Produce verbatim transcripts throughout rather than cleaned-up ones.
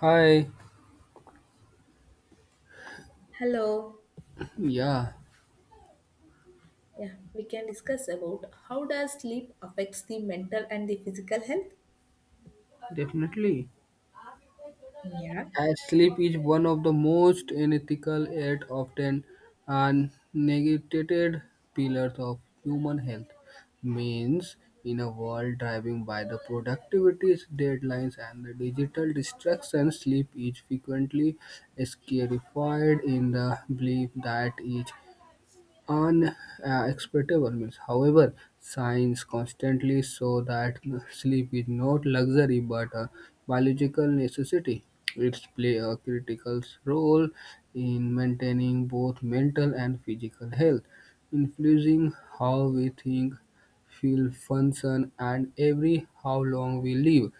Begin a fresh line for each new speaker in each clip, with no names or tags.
Hi.
Hello.
Yeah,
Yeah, we can discuss about how does sleep affects the mental and the physical health?
definitely.
Yeah.
As sleep is one of the most unethical yet often uh, neglected pillars of human health, means in a world driven by the productivity deadlines and the digital distractions, sleep is frequently scarified in the belief that it unacceptable means. However, science constantly shows that sleep is not luxury but a biological necessity. It plays a critical role in maintaining both mental and physical health, influencing how we think, feel, function, and every how long we live.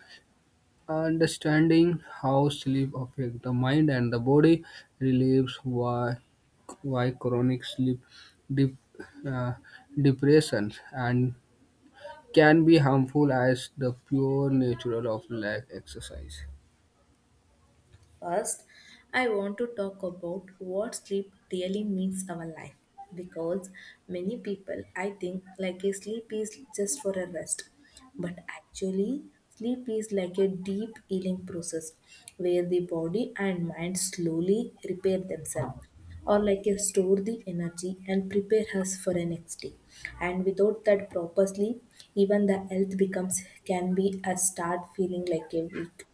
Understanding how sleep affects the mind and the body relieves why, why chronic sleep dep- uh, depression and can be harmful as the pure natural of lack exercise.
First, I want to talk about what sleep really means our life, because many people, I think, like a sleep is just for a rest, but actually sleep is like a deep healing process where the body and mind slowly repair themselves, or like a store the energy and prepare us for a next day. And without that proper sleep, even the health becomes can be a start feeling like a weak,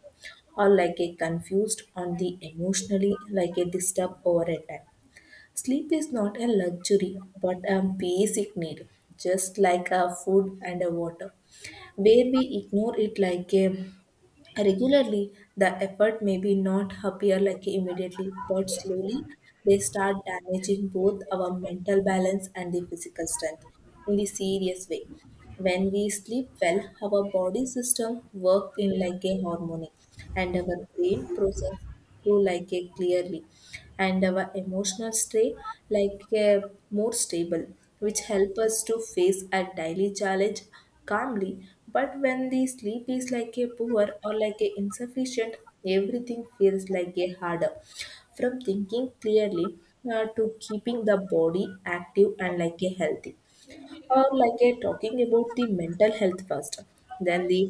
or like a confused on the emotionally, like a disturbed over a time. Sleep is not a luxury but a basic need, just like a food and a water. Where we ignore it like a regularly, the effort may be not appear like immediately, but slowly they start damaging both our mental balance and the physical strength in the serious way. When we sleep well, our body system work in like a harmony, and our brain process through like a clearly, and our emotional state like a more stable, which help us to face a daily challenge calmly. But when the sleep is like a poor or like a insufficient, everything feels like a harder, from thinking clearly uh, to keeping the body active and like a healthy, or like a talking about the mental health first. Then the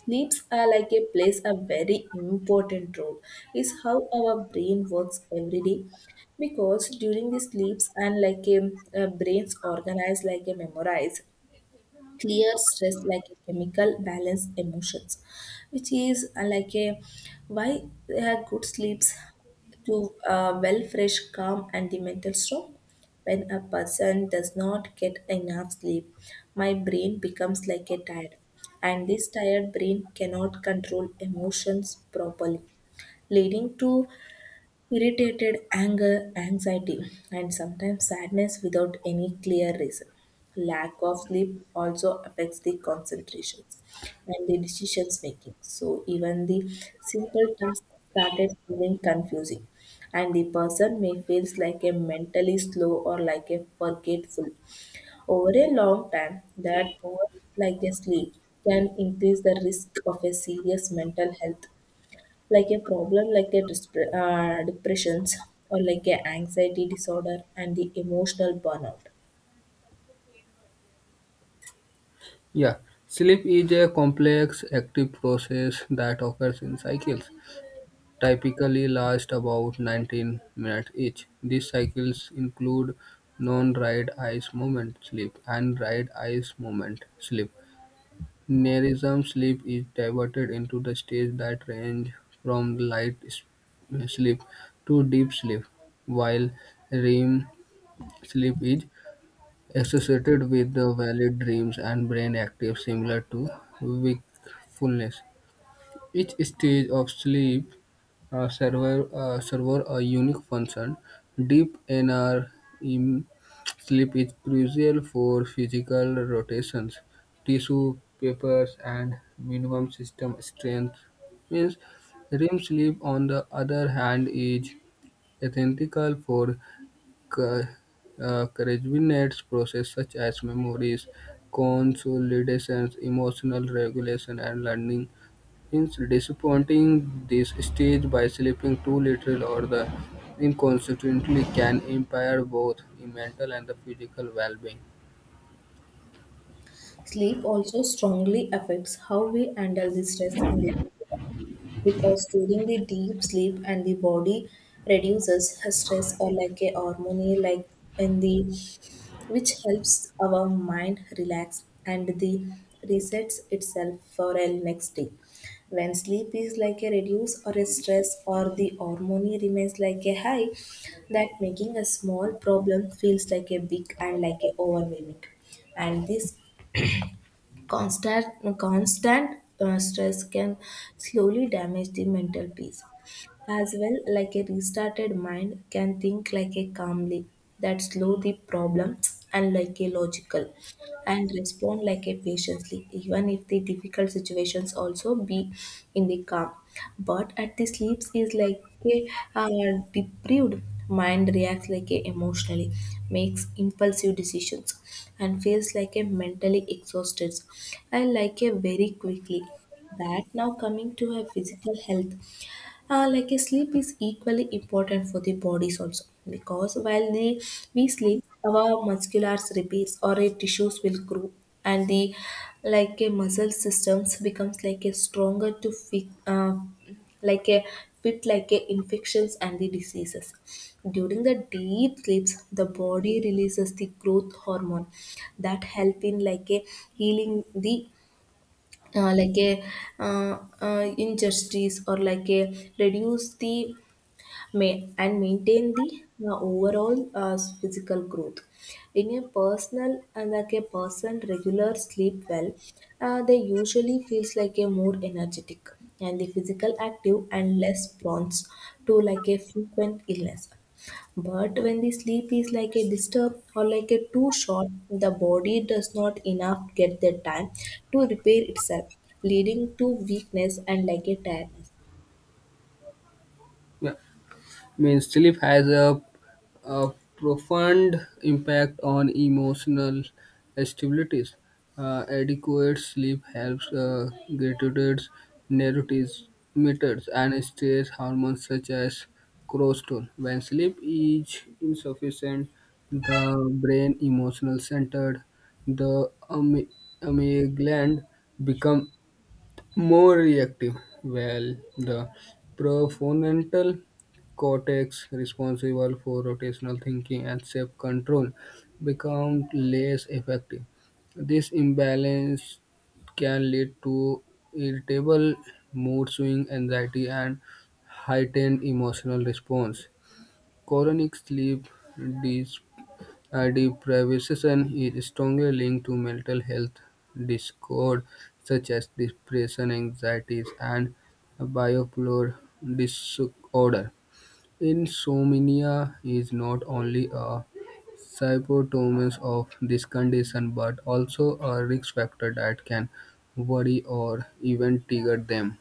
sleeps are like a plays a very important role is how our brain works every day, because during the sleeps and like a, a brains organize like a memorize, clear stress like a chemical balance emotions, which is uh, like a why a good sleeps to uh, well fresh calm and the mental strong. When a person does not get enough sleep, my brain becomes like a tired, and this tired brain cannot control emotions properly, leading to irritated, anger, anxiety, and sometimes sadness without any clear reason. Lack of sleep also affects the concentrations and the decisions making. So even the simple tasks started feeling confusing, and the person may feels like a mentally slow or like a forgetful. Over a long time, that poor like a sleep can increase the risk of a serious mental health like a problem, like a dispre- uh, depressions or like a anxiety disorder and the emotional burnout.
Yeah, sleep is a complex active process that occurs in cycles, typically last about nineteen minutes each. These cycles include non-right eyes movement sleep and right eyes movement sleep. Nerism sleep is divided into the stages that range from light s- sleep to deep sleep, while R E M sleep is associated with the vivid dreams and brain activity similar to wakefulness. Each stage of sleep uh, serve, uh, serve a unique function. Deep N R in sleep is crucial for physical rotations, tissue papers, and minimum system strength. Means R E M sleep, on the other hand, is essential for ca- uh, coordinates process such as memories, consolidations, emotional regulation, and learning. Hence, disappointing this stage by sleeping too little or the inconsequently can impair both the mental and the physical well-being.
Sleep also strongly affects how we handle the stress in the, because during the deep sleep and the body reduces stress or like a harmony like in the, which helps our mind relax and the resets itself for a next day. When sleep is like a reduce or a stress or the harmony remains like a high, that making a small problem feels like a big and like a overwhelming. And this Constant, constant uh, stress can slowly damage the mental peace. As well, like a restarted mind can think like a calmly, that slow the problems and like a logical, and respond like a patiently even if the difficult situations also be in the calm. But at the sleeps is like a uh, deprived mind reacts like a emotionally, makes impulsive decisions, and feels like a mentally exhausted and like a very quickly. That now coming to her physical health, uh, like a sleep is equally important for the bodies also, because while the, we sleep our musculars, repairs or a tissues will grow, and the like a muscle systems becomes like a stronger to fit uh, like a fit like a infections and the diseases. During the deep sleeps, the body releases the growth hormone that help in like a healing the, uh, like a uh, uh, injustice or like a reduce the ma- and maintain the uh, overall uh, physical growth. In a personal and like a person regular sleep well, uh, they usually feels like a more energetic and the physical active and less prone to like a frequent illness. But when the sleep is like a disturb or like a too short, the body does not enough get the time to repair itself, leading to weakness and like a tiredness.
Yeah. Means sleep has a, a profound impact on emotional stabilities. Uh, adequate sleep helps uh, gratitude neurotransmitters and stress hormones such as cortisol. When sleep is insufficient, the brain emotional centered, the amy- amygdala gland become more reactive, well, the prefrontal cortex, responsible for rotational thinking and self control, becomes less effective. This imbalance can lead to irritable mood swing, anxiety, and heightened emotional response. Chronic sleep uh, deprivation is strongly linked to mental health discord, such as depression, anxieties, and bipolar disorder. Insomnia is not only a symptom of this condition but also a risk factor that can worry or even trigger them.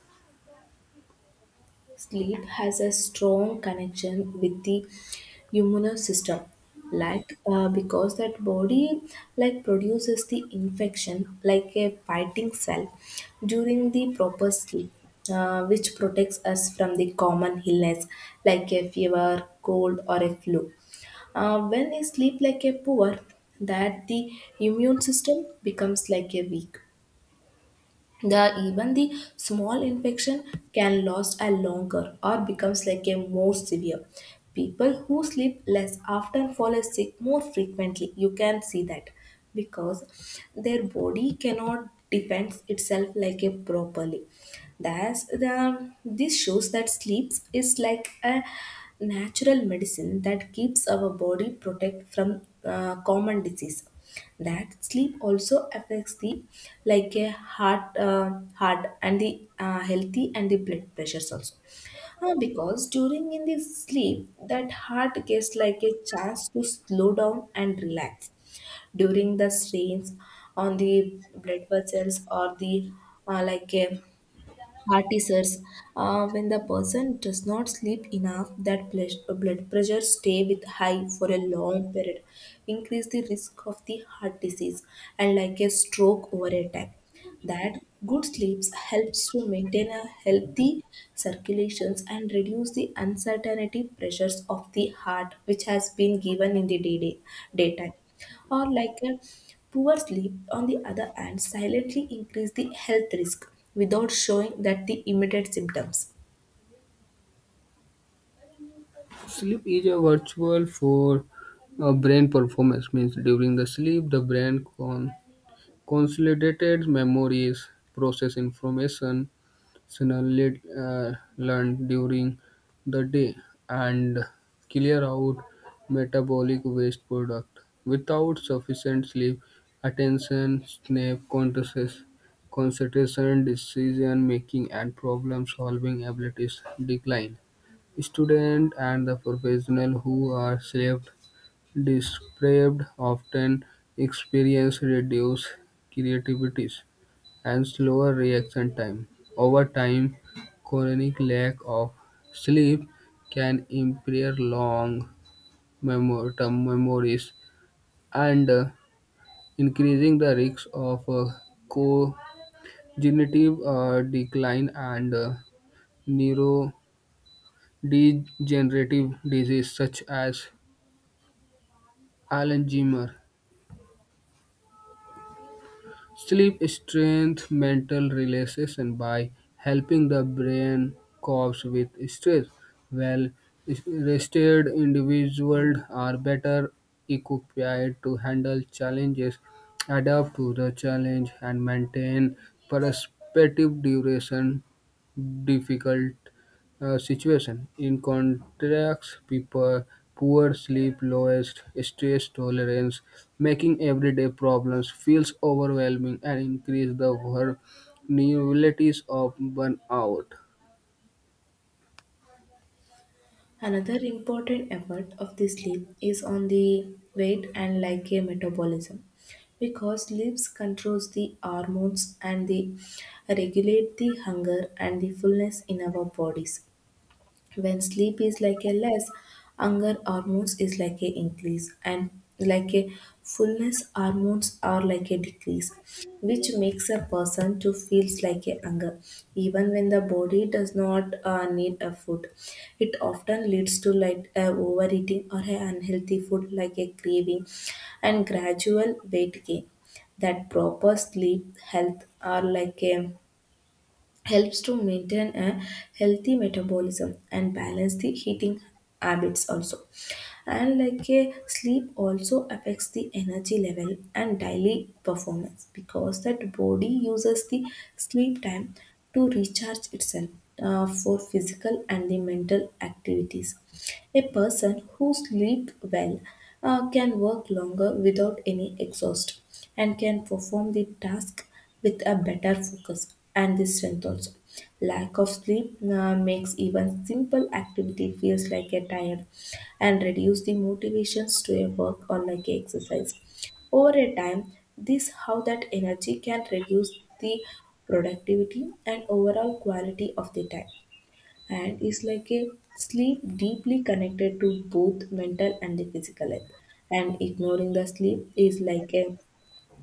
Sleep has a strong connection with the immune system, like uh, because that body like produces the infection like a fighting cell during the proper sleep, uh, which protects us from the common illness like a fever, cold, or a flu. Uh, when we sleep like a poor, that the immune system becomes like a weak, the even the small infection can last a longer or becomes like a more severe. People who sleep less often fall sick more frequently. You can see that because their body cannot defend itself like a properly. Thus, the this shows that sleep is like a natural medicine that keeps our body protect from uh, common disease. That sleep also affects the like a heart, uh, heart and the uh, healthy and the blood pressures also. Uh, because during in the sleep, that heart gets like a chance to slow down and relax. During the strains on the blood vessels or the, uh, like a cortisers, uh, when the person does not sleep enough, that ple- uh, blood pressure stay with high for a long period, increase the risk of the heart disease and like a stroke over a time. That good sleeps helps to maintain a healthy circulations and reduce the uncertainty pressures of the heart which has been given in the day- day- daytime, or like a poor sleep on the other hand silently increase the health risk without showing that the immediate symptoms.
Sleep is a virtual for uh, brain performance means during the sleep the brain con- Consolidated memories process information similarly learned during the day and clear out metabolic waste product. Without sufficient sleep, attention snap contrasts, concentration, decision making, and problem solving abilities decline. Students and the professional who are sleep Deprived often experience reduced creativity and slower reaction time. Over time, chronic lack of sleep can impair long memor- term memories and uh, increasing the risk of uh, cognitive uh, decline and uh, neurodegenerative disease such as Alzheimer's. Sleep strengthens mental relaxation by helping the brain cope with stress. Well rested individuals are better equipped to handle challenges, adapt to the challenge, and maintain perspective duration difficult uh, situation. In contrast, people poor sleep, lowest stress tolerance, making everyday problems feels overwhelming and increase the vulnerabilities of burnout.
Another important effort of the sleep is on the weight and like a metabolism, because sleep controls the hormones and the regulate the hunger and the fullness in our bodies. When sleep is like a less, hunger hormones is like a increase, and like a fullness hormones are like a decrease, which makes a person to feels like a hunger even when the body does not uh, need a food. It often leads to like a overeating or a unhealthy food like a craving and gradual weight gain. That proper sleep health are like a helps to maintain a healthy metabolism and balance the eating habits also. And like a sleep also affects the energy level and daily performance, because that body uses the sleep time to recharge itself, uh, for physical and the mental activities. A person who sleeps well, uh, can work longer without any exhaust, and can perform the task with a better focus and the strength also. Lack of sleep uh, makes even simple activity feels like a tired and reduce the motivations to a work or like a exercise. Over a time, this how that energy can reduce the productivity and overall quality of the time. And is like a sleep deeply connected to both mental and the physical health, and ignoring the sleep is like a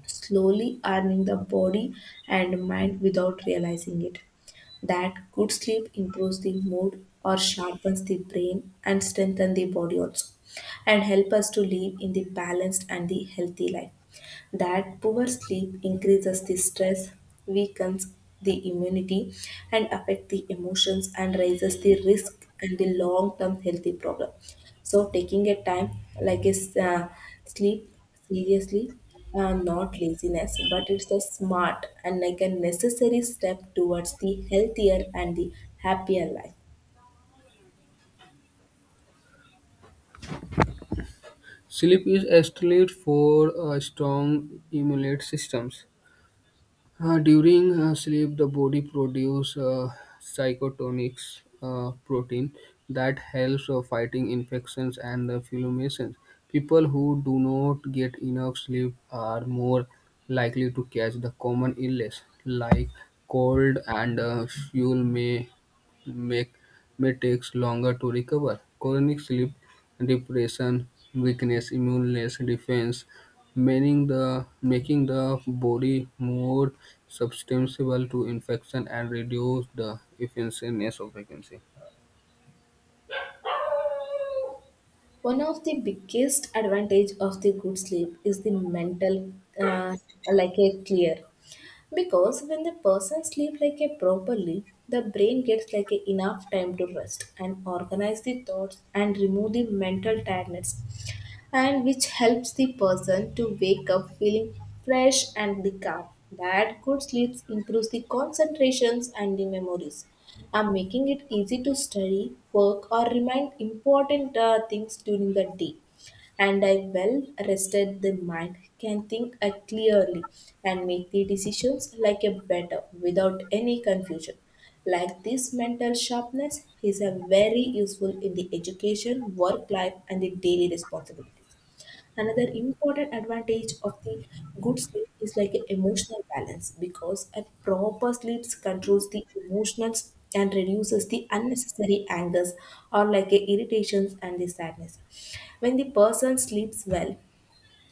slowly earning the body and mind without realizing it. That good sleep improves the mood or sharpens the brain and strengthens the body also, and help us to live in the balanced and the healthy life. That poor sleep increases the stress, weakens the immunity, and affect the emotions and raises the risk and the long-term healthy problem. So taking a time like is uh, sleep seriously, uh, not laziness, but it's a smart and like a necessary step towards the healthier and the happier life.
Sleep is essential for a strong immune systems. Uh, during uh, sleep, the body produces uh, psychotonics uh, protein that helps uh, fighting infections and uh, inflammations. People who do not get enough sleep are more likely to catch the common illness like cold and uh, fuel may make may takes longer to recover. Chronic sleep deprivation weakness immuneless defense, meaning the making the body more susceptible to infection and reduce the efficiency of vacancy.
One of the biggest advantage of the good sleep is the mental, uh, like a clear. Because when the person sleep like a properly, the brain gets like a enough time to rest and organize the thoughts and remove the mental tiredness, and which helps the person to wake up feeling fresh and the calm. That good sleep improves the concentrations and the memories, and making it easy to study, work, or remind important uh, things during the day. And I well rested the mind can think uh, clearly and make the decisions like a better without any confusion. Like this mental sharpness is a very useful in the education, work life, and the daily responsibilities. Another important advantage of the good sleep is like a emotional balance, because a proper sleep controls the emotions and reduces the unnecessary angers or like a irritations and the sadness. When the person sleeps well,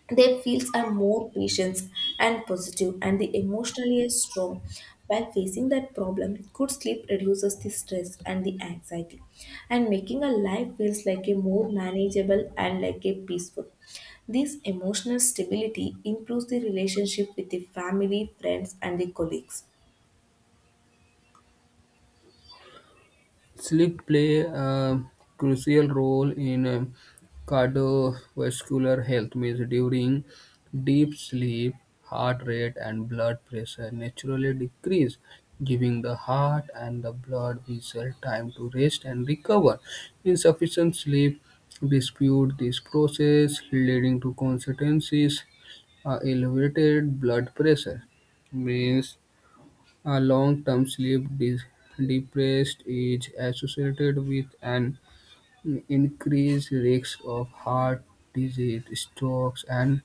their fields are more patient and positive, and the emotionally is strong. While facing that problem, good sleep reduces the stress and the anxiety, and making a life feels like a more manageable and like a peaceful. This emotional stability improves the relationship with the family, friends, and the colleagues.
Sleep play a crucial role in um, cardiovascular health. Means during deep sleep, heart rate and blood pressure naturally decrease, giving the heart and the blood vessel time to rest and recover. Insufficient sleep dispute this process, leading to consequences uh, elevated blood pressure means a long-term sleep deprivation is associated with an increased risk of heart disease, strokes, and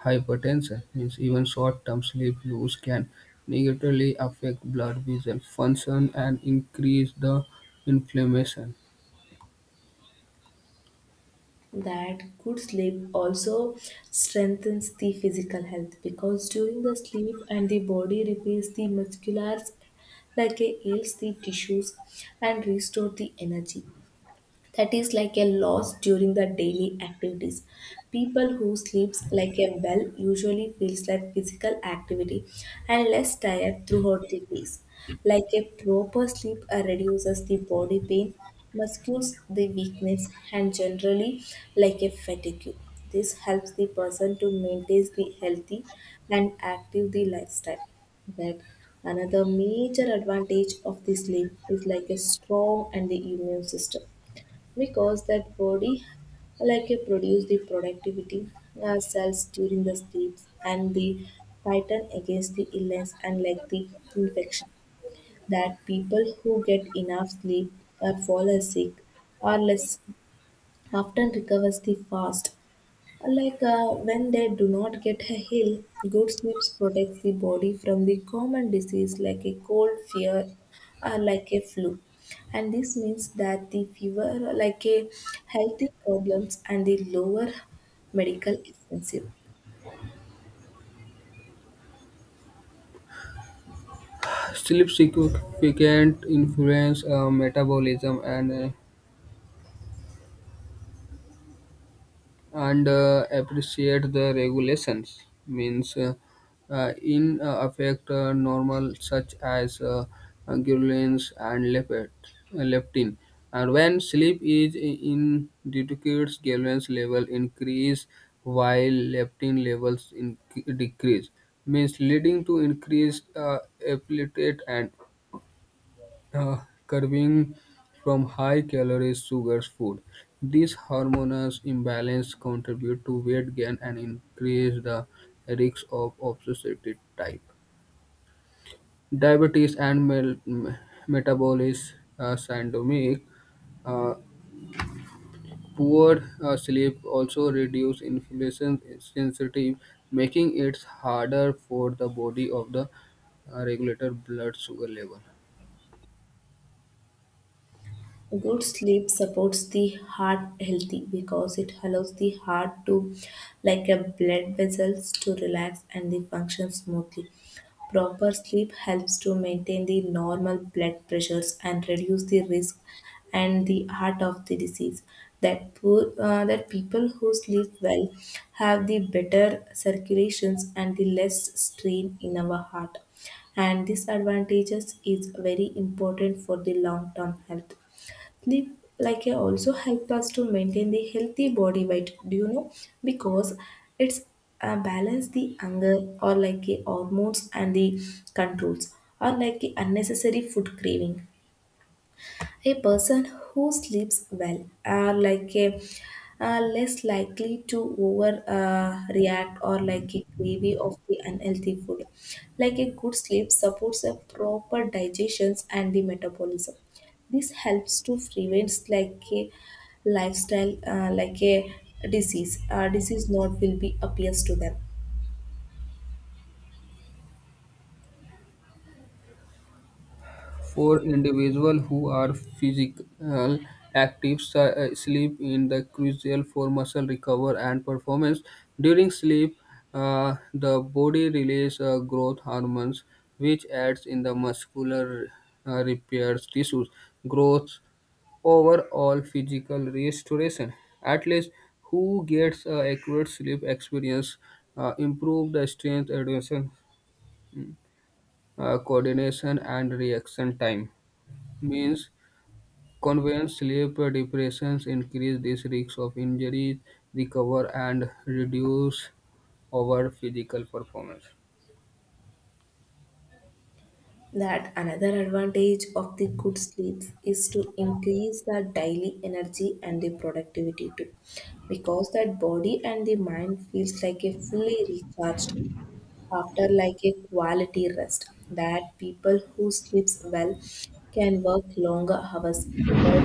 hypertension. Means even short-term sleep use can negatively affect blood vessel function and increase the inflammation.
That good sleep also strengthens the physical health because during the sleep and the body repairs the musculars, like it heals the tissues and restore the energy that is like a loss during the daily activities. People who sleeps like a well usually feels like physical activity and less tired throughout the days. Like a proper sleep uh, reduces the body pain, muscles the weakness, and generally like a fatigue. This helps the person to maintain the healthy and active the lifestyle. That another major advantage of the sleep is like a strong and the immune system because that body like a produce the productivity uh, cells during the sleeps and the fighting against the illness and like the infection. That people who get enough sleep or fall sick or less often recovers the fast, like uh, when they do not get a heal, good sleep protects the body from the common disease like a cold, fear, or like a flu. And this means that the fever, like a healthy problems, and the lower medical expensive.
Sleep significant influence influences metabolism and uh, and uh, appreciate the regulations means uh, uh, in uh, affect uh, normal such as uh, uh, ghrelins and lepet, leptin and when sleep is I- in decreased ghrelins level increase while leptin levels in, decrease means leading to increased uh, appetite and uh, curving from high-calorie sugar food. These hormonal imbalance contribute to weight gain and increase the risk of obesity type diabetes and mel- m- metabolism uh, syndrome. Uh, poor uh, sleep also reduce insulin sensitivity, making it harder for the body of the uh, regulator blood sugar level.
Good sleep supports the heart healthy because it allows the heart to, like a blood vessels, to relax and the function smoothly. Proper sleep helps to maintain the normal blood pressures and reduce the risk and the heart of the disease. That poor, uh, that people who sleep well have the better circulations and the less strain in our heart. And these advantages is very important for the long term health. Sleep like a also help us to maintain the healthy body weight, do you know, because it's uh, balance the hunger or like a hormones and the controls or like a unnecessary food craving. A person who sleeps well are like a are less likely to over uh, react or like a gravy of the unhealthy food. Like a good sleep supports a proper digestion and the metabolism. This helps to prevent like a lifestyle uh, like a disease. Uh, disease not will be appears to them.
For individuals who are physical active, si- uh, sleep is crucial for muscle recovery and performance. During sleep, uh, the body releases uh, growth hormones, which aids in the muscular uh, repairs tissues growth overall physical restoration. Athletes who gets uh, accurate sleep experience uh, improve the strength, adhesion, uh, coordination, and reaction time. Means constant sleep deprivation increases this risk of injury, recover, and reduce overall physical performance.
That another advantage of the good sleeps is to increase the daily energy and the productivity too because that body and the mind feels like a fully recharged after like a quality rest. That people who sleeps well can work longer hours without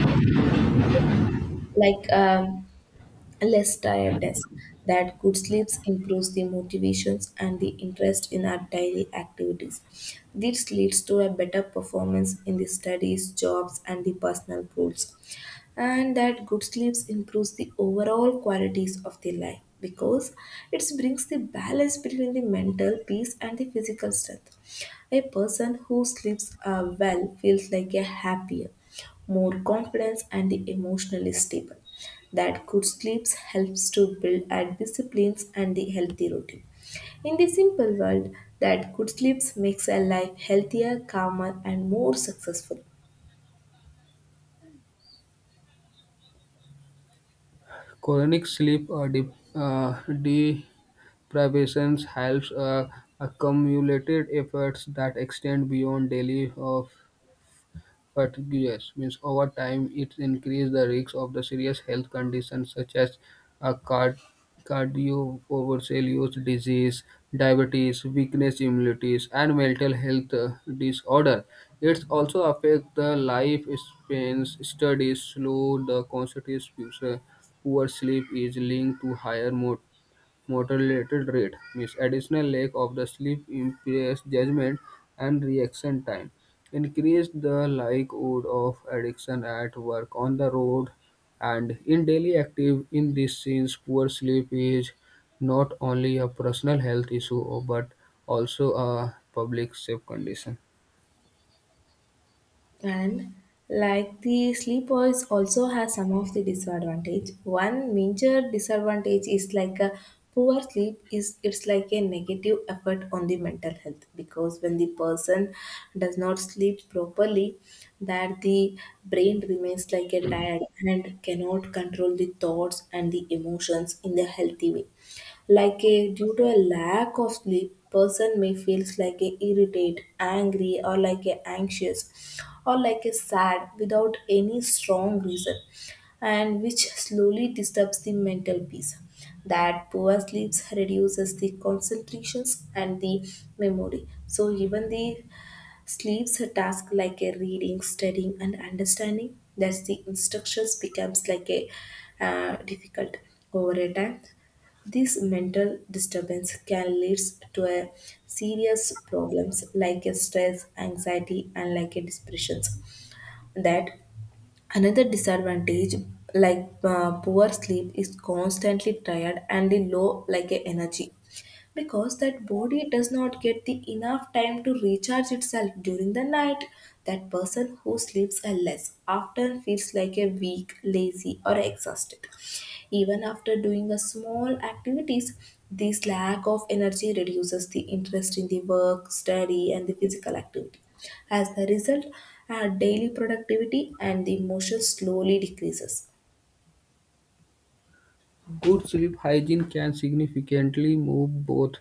like um, less tiredness. That good sleeps improves the motivations and the interest in our daily activities. This leads to a better performance in the studies, jobs, and the personal goals. And that good sleeps improves the overall qualities of the life because it brings the balance between the mental peace and the physical strength. A person who sleeps uh, well feels like a happier, more confident, and the emotionally stable. That good sleeps helps to build our disciplines and the healthy routine. In the simple world, that good sleeps makes a life healthier, calmer, and more successful.
Chronic sleep uh, de- uh, deprivation helps uh, accumulated effects that extend beyond daily of Pertiguous means over time it increases the risk of the serious health conditions such as a card- cardiovascular disease, diabetes, weakness immunities, and mental health uh, disorder. It also affects the life spans. Studies slow the constitutes future. Poor sleep is linked to higher mortality Motor-related rate means additional leg of the sleep improves judgment and reaction time. Increase the likelihood of addiction at work, on the road, and in daily active. In this sense, poor sleep is not only a personal health issue but also a public safe condition.
And like the sleepwalks also has some of the disadvantage. One major disadvantage is like a poor sleep is it's like a negative effect on the mental health because when the person does not sleep properly, that the brain remains like a tired and cannot control the thoughts and the emotions in the healthy way. Like a due to a lack of sleep, person may feels like a irritate, angry, or like a anxious, or like a sad without any strong reason, and which slowly disturbs the mental peace. That poor sleeps reduces the concentrations and the memory. So even the sleeps her task like a reading, studying, and understanding. Thus, the instructions becomes like a uh, difficult over a time. This mental disturbance can lead to a serious problems like a stress, anxiety, and like a depressions. That another disadvantage like uh, poor sleep is constantly tired and the low like a energy because that body does not get the enough time to recharge itself during the night. That person who sleeps less often feels like a weak, lazy, or exhausted even after doing a small activities. This lack of energy reduces the interest in the work, study, and the physical activity. As a result, our daily productivity and the emotion slowly decreases.
Good sleep hygiene can significantly move both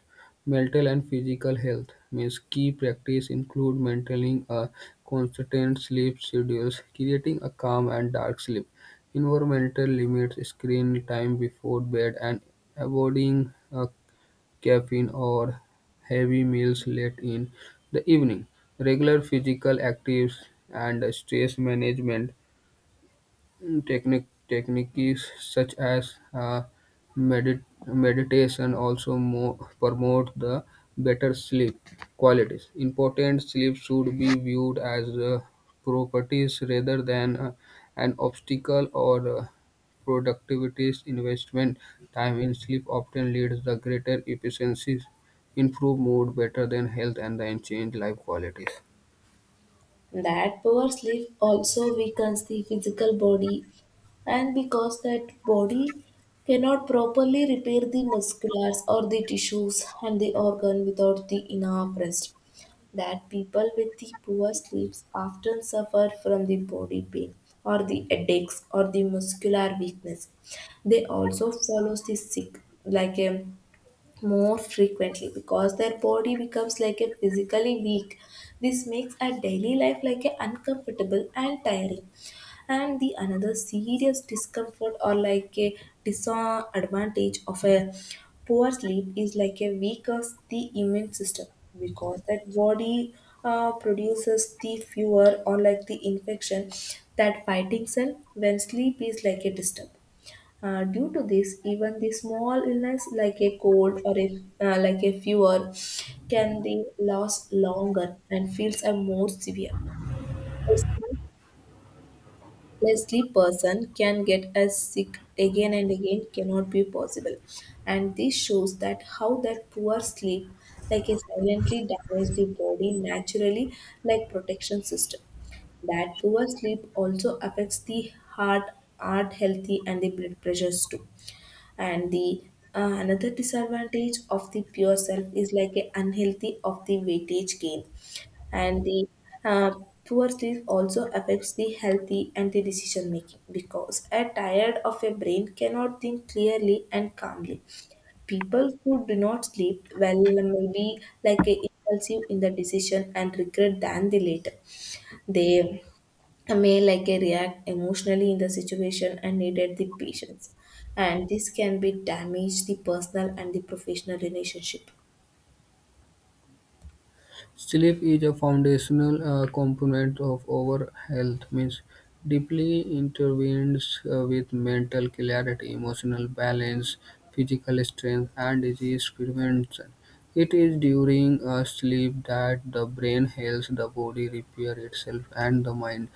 mental and physical health. Means key practice include maintaining a consistent sleep schedule, creating a calm and dark sleep environmental limits, screen time before bed, and avoiding uh, caffeine or heavy meals late in the evening. Regular physical activities and stress management Mm, Technique techniques such as uh, medit- meditation also mo- promote the better sleep qualities. Important sleep should be viewed as uh, properties rather than uh, an obstacle or uh, productivity's investment. Time in sleep often leads to greater efficiencies, improved mood, better than health, and then change life qualities.
That poor sleep also weakens the physical body, and because that body cannot properly repair the musculars or the tissues and the organ without the enough rest, that people with the poor sleeps often suffer from the body pain or the headaches or the muscular weakness. They also follow the sick like a more frequently because their body becomes like a physically weak. This makes a daily life like a uncomfortable and tiring. And the another serious discomfort or like a disadvantage of a poor sleep is like a weaker the immune system because that body uh, produces the fewer or like the infection that fighting cell when sleep is like a disturb. Uh, due to this, even the small illness like a cold or a, uh, like a fever can be last longer and feels are more severe. A sleep- a sleep person can get as sick again and again cannot be possible. And this shows that how that poor sleep like a silently damage the body naturally like protection system. That poor sleep also affects the heart, heart healthy and the blood pressures too. And the uh, another disadvantage of the pure self is like a unhealthy of the weightage gain and the, uh, poor sleep also affects the healthy and the decision making because a tired of a brain cannot think clearly and calmly. People who do not sleep well may be like a impulsive in the decision and regret than the later. They may like a react emotionally in the situation and needed the patience, and this can be damage the personal and the professional relationship.
Sleep is a foundational uh, component of our health, means deeply intervenes uh, with mental clarity, emotional balance, physical strength, and disease prevention. It is during uh, sleep that the brain helps the body repair itself and the mind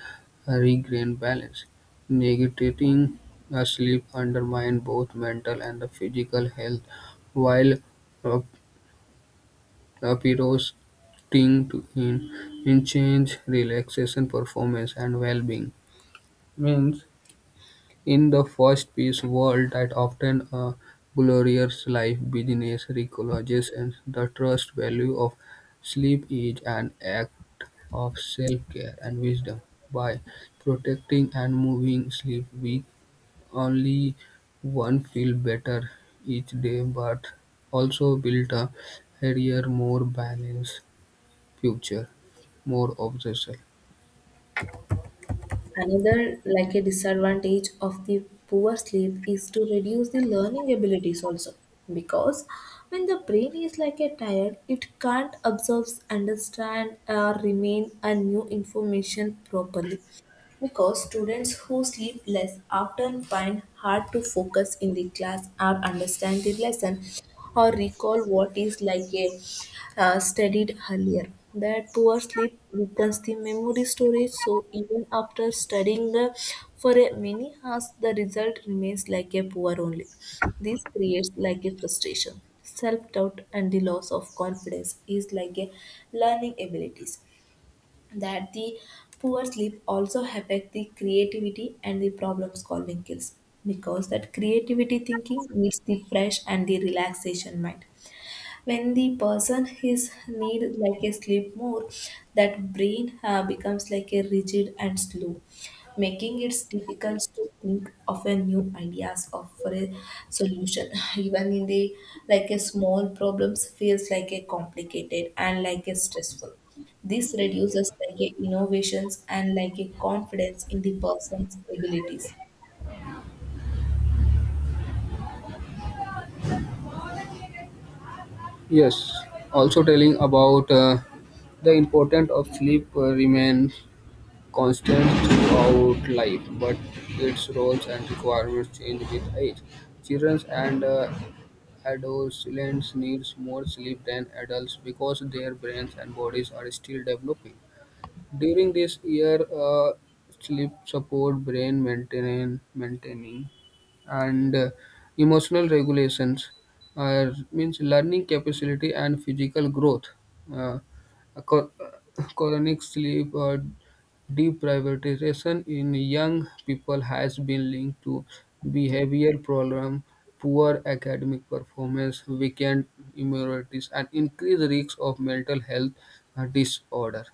uh, regain balance. Negating uh, sleep undermines both mental and the physical health, while uh, Appears, sting to in, in change, relaxation, performance, and well-being. Means in the first piece world that often a glorious life business recognizes and the trust value of sleep is an act of self-care and wisdom. By protecting and moving sleep, we only one feel better each day, but also build a healthier, more balanced future, more of the obsessive.
Another like a disadvantage of the poor sleep is to reduce the learning abilities also because when the brain is like a tired, it can't absorb, understand, or remain a new information properly. Because students who sleep less often find hard to focus in the class or understand the lesson or recall what is like a uh, studied earlier. That poor sleep weakens the memory storage, so even after studying uh, for a many hours, the result remains like a poor only. This creates like a frustration, self doubt, and the loss of confidence is like a learning abilities. That the poor sleep also affect the creativity and the problem solving skills because that creativity thinking needs the fresh and the relaxation mind. When the person is need like a sleep more, that brain uh, becomes like a rigid and slow, making it difficult to think of a new ideas of for a solution. Even in the like a small problems feels like a complicated and like a stressful. This reduces like a innovations and like a confidence in the person's abilities.
Yes, also telling about uh, the importance of sleep uh, remains constant throughout life, but its roles and requirements change with age. Children and uh, adolescents need more sleep than adults because their brains and bodies are still developing. During this year, uh, sleep support brain maintain, maintaining and uh, emotional regulations, uh, means learning capacity and physical growth. Uh, co- chronic sleep or deprivation in young people has been linked to behavioral problem, poor academic performance, weakened immunities, and increased risk of mental health uh, disorder.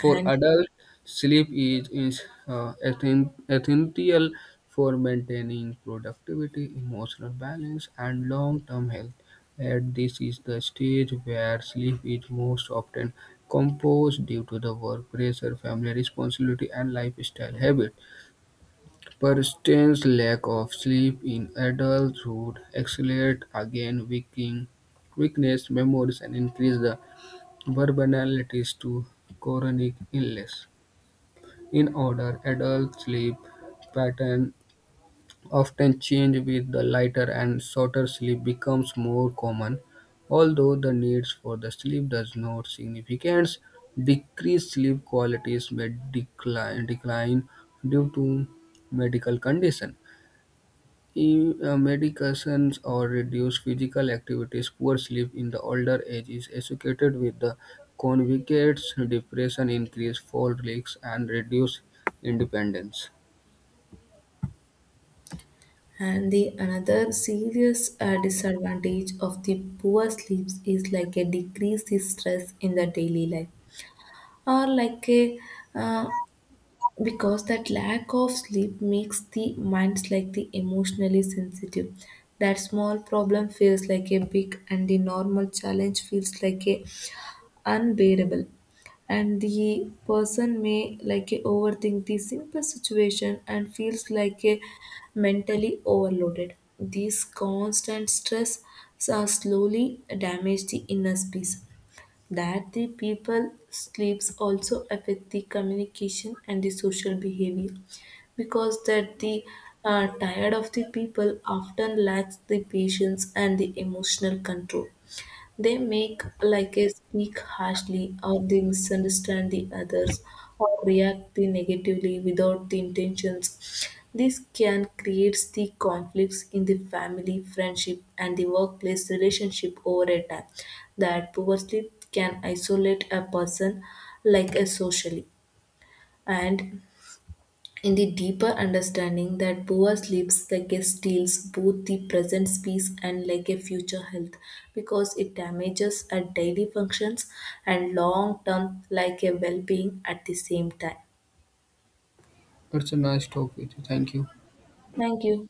For
and
adults, sleep is, is uh, essen- essential for maintaining productivity, emotional balance, and long term health. And this is the stage where sleep is most often composed due to the work pressure, family responsibility, and lifestyle habit. Persistent lack of sleep in adulthood accelerate again weakening weakness, memories, and increase the vulnerabilities to chronic illness. In order, adult sleep pattern often change with the lighter and shorter sleep becomes more common, although the needs for the sleep does not significance. Decreased sleep qualities may decline, decline due to medical condition. E- uh, medications or reduced physical activities, poor sleep in the older age is associated with the convicts, depression, increased fall risks, and reduced independence.
And the another serious uh, disadvantage of the poor sleeps is like a decrease in stress in the daily life, or like a, uh, because that lack of sleep makes the minds like the emotionally sensitive. That small problem feels like a big, and the normal challenge feels like a unbearable, and the person may like a overthink the simple situation and feels like a mentally overloaded. This constant stress are slowly damage the inner peace. That the people sleeps also affect the communication and the social behavior because that the uh, tired of the people often lacks the patience and the emotional control. They make like a speak harshly, or they misunderstand the others, or react the negatively without the intentions. This can create the conflicts in the family, friendship, and the workplace relationship over a time. That poor sleep can isolate a person like a socially, and in the deeper understanding that Boa sleeps like a steals both the present peace and like a future health because it damages our daily functions and long term like a well being at the same time.
It's a nice talk with you. Thank you.
Thank you.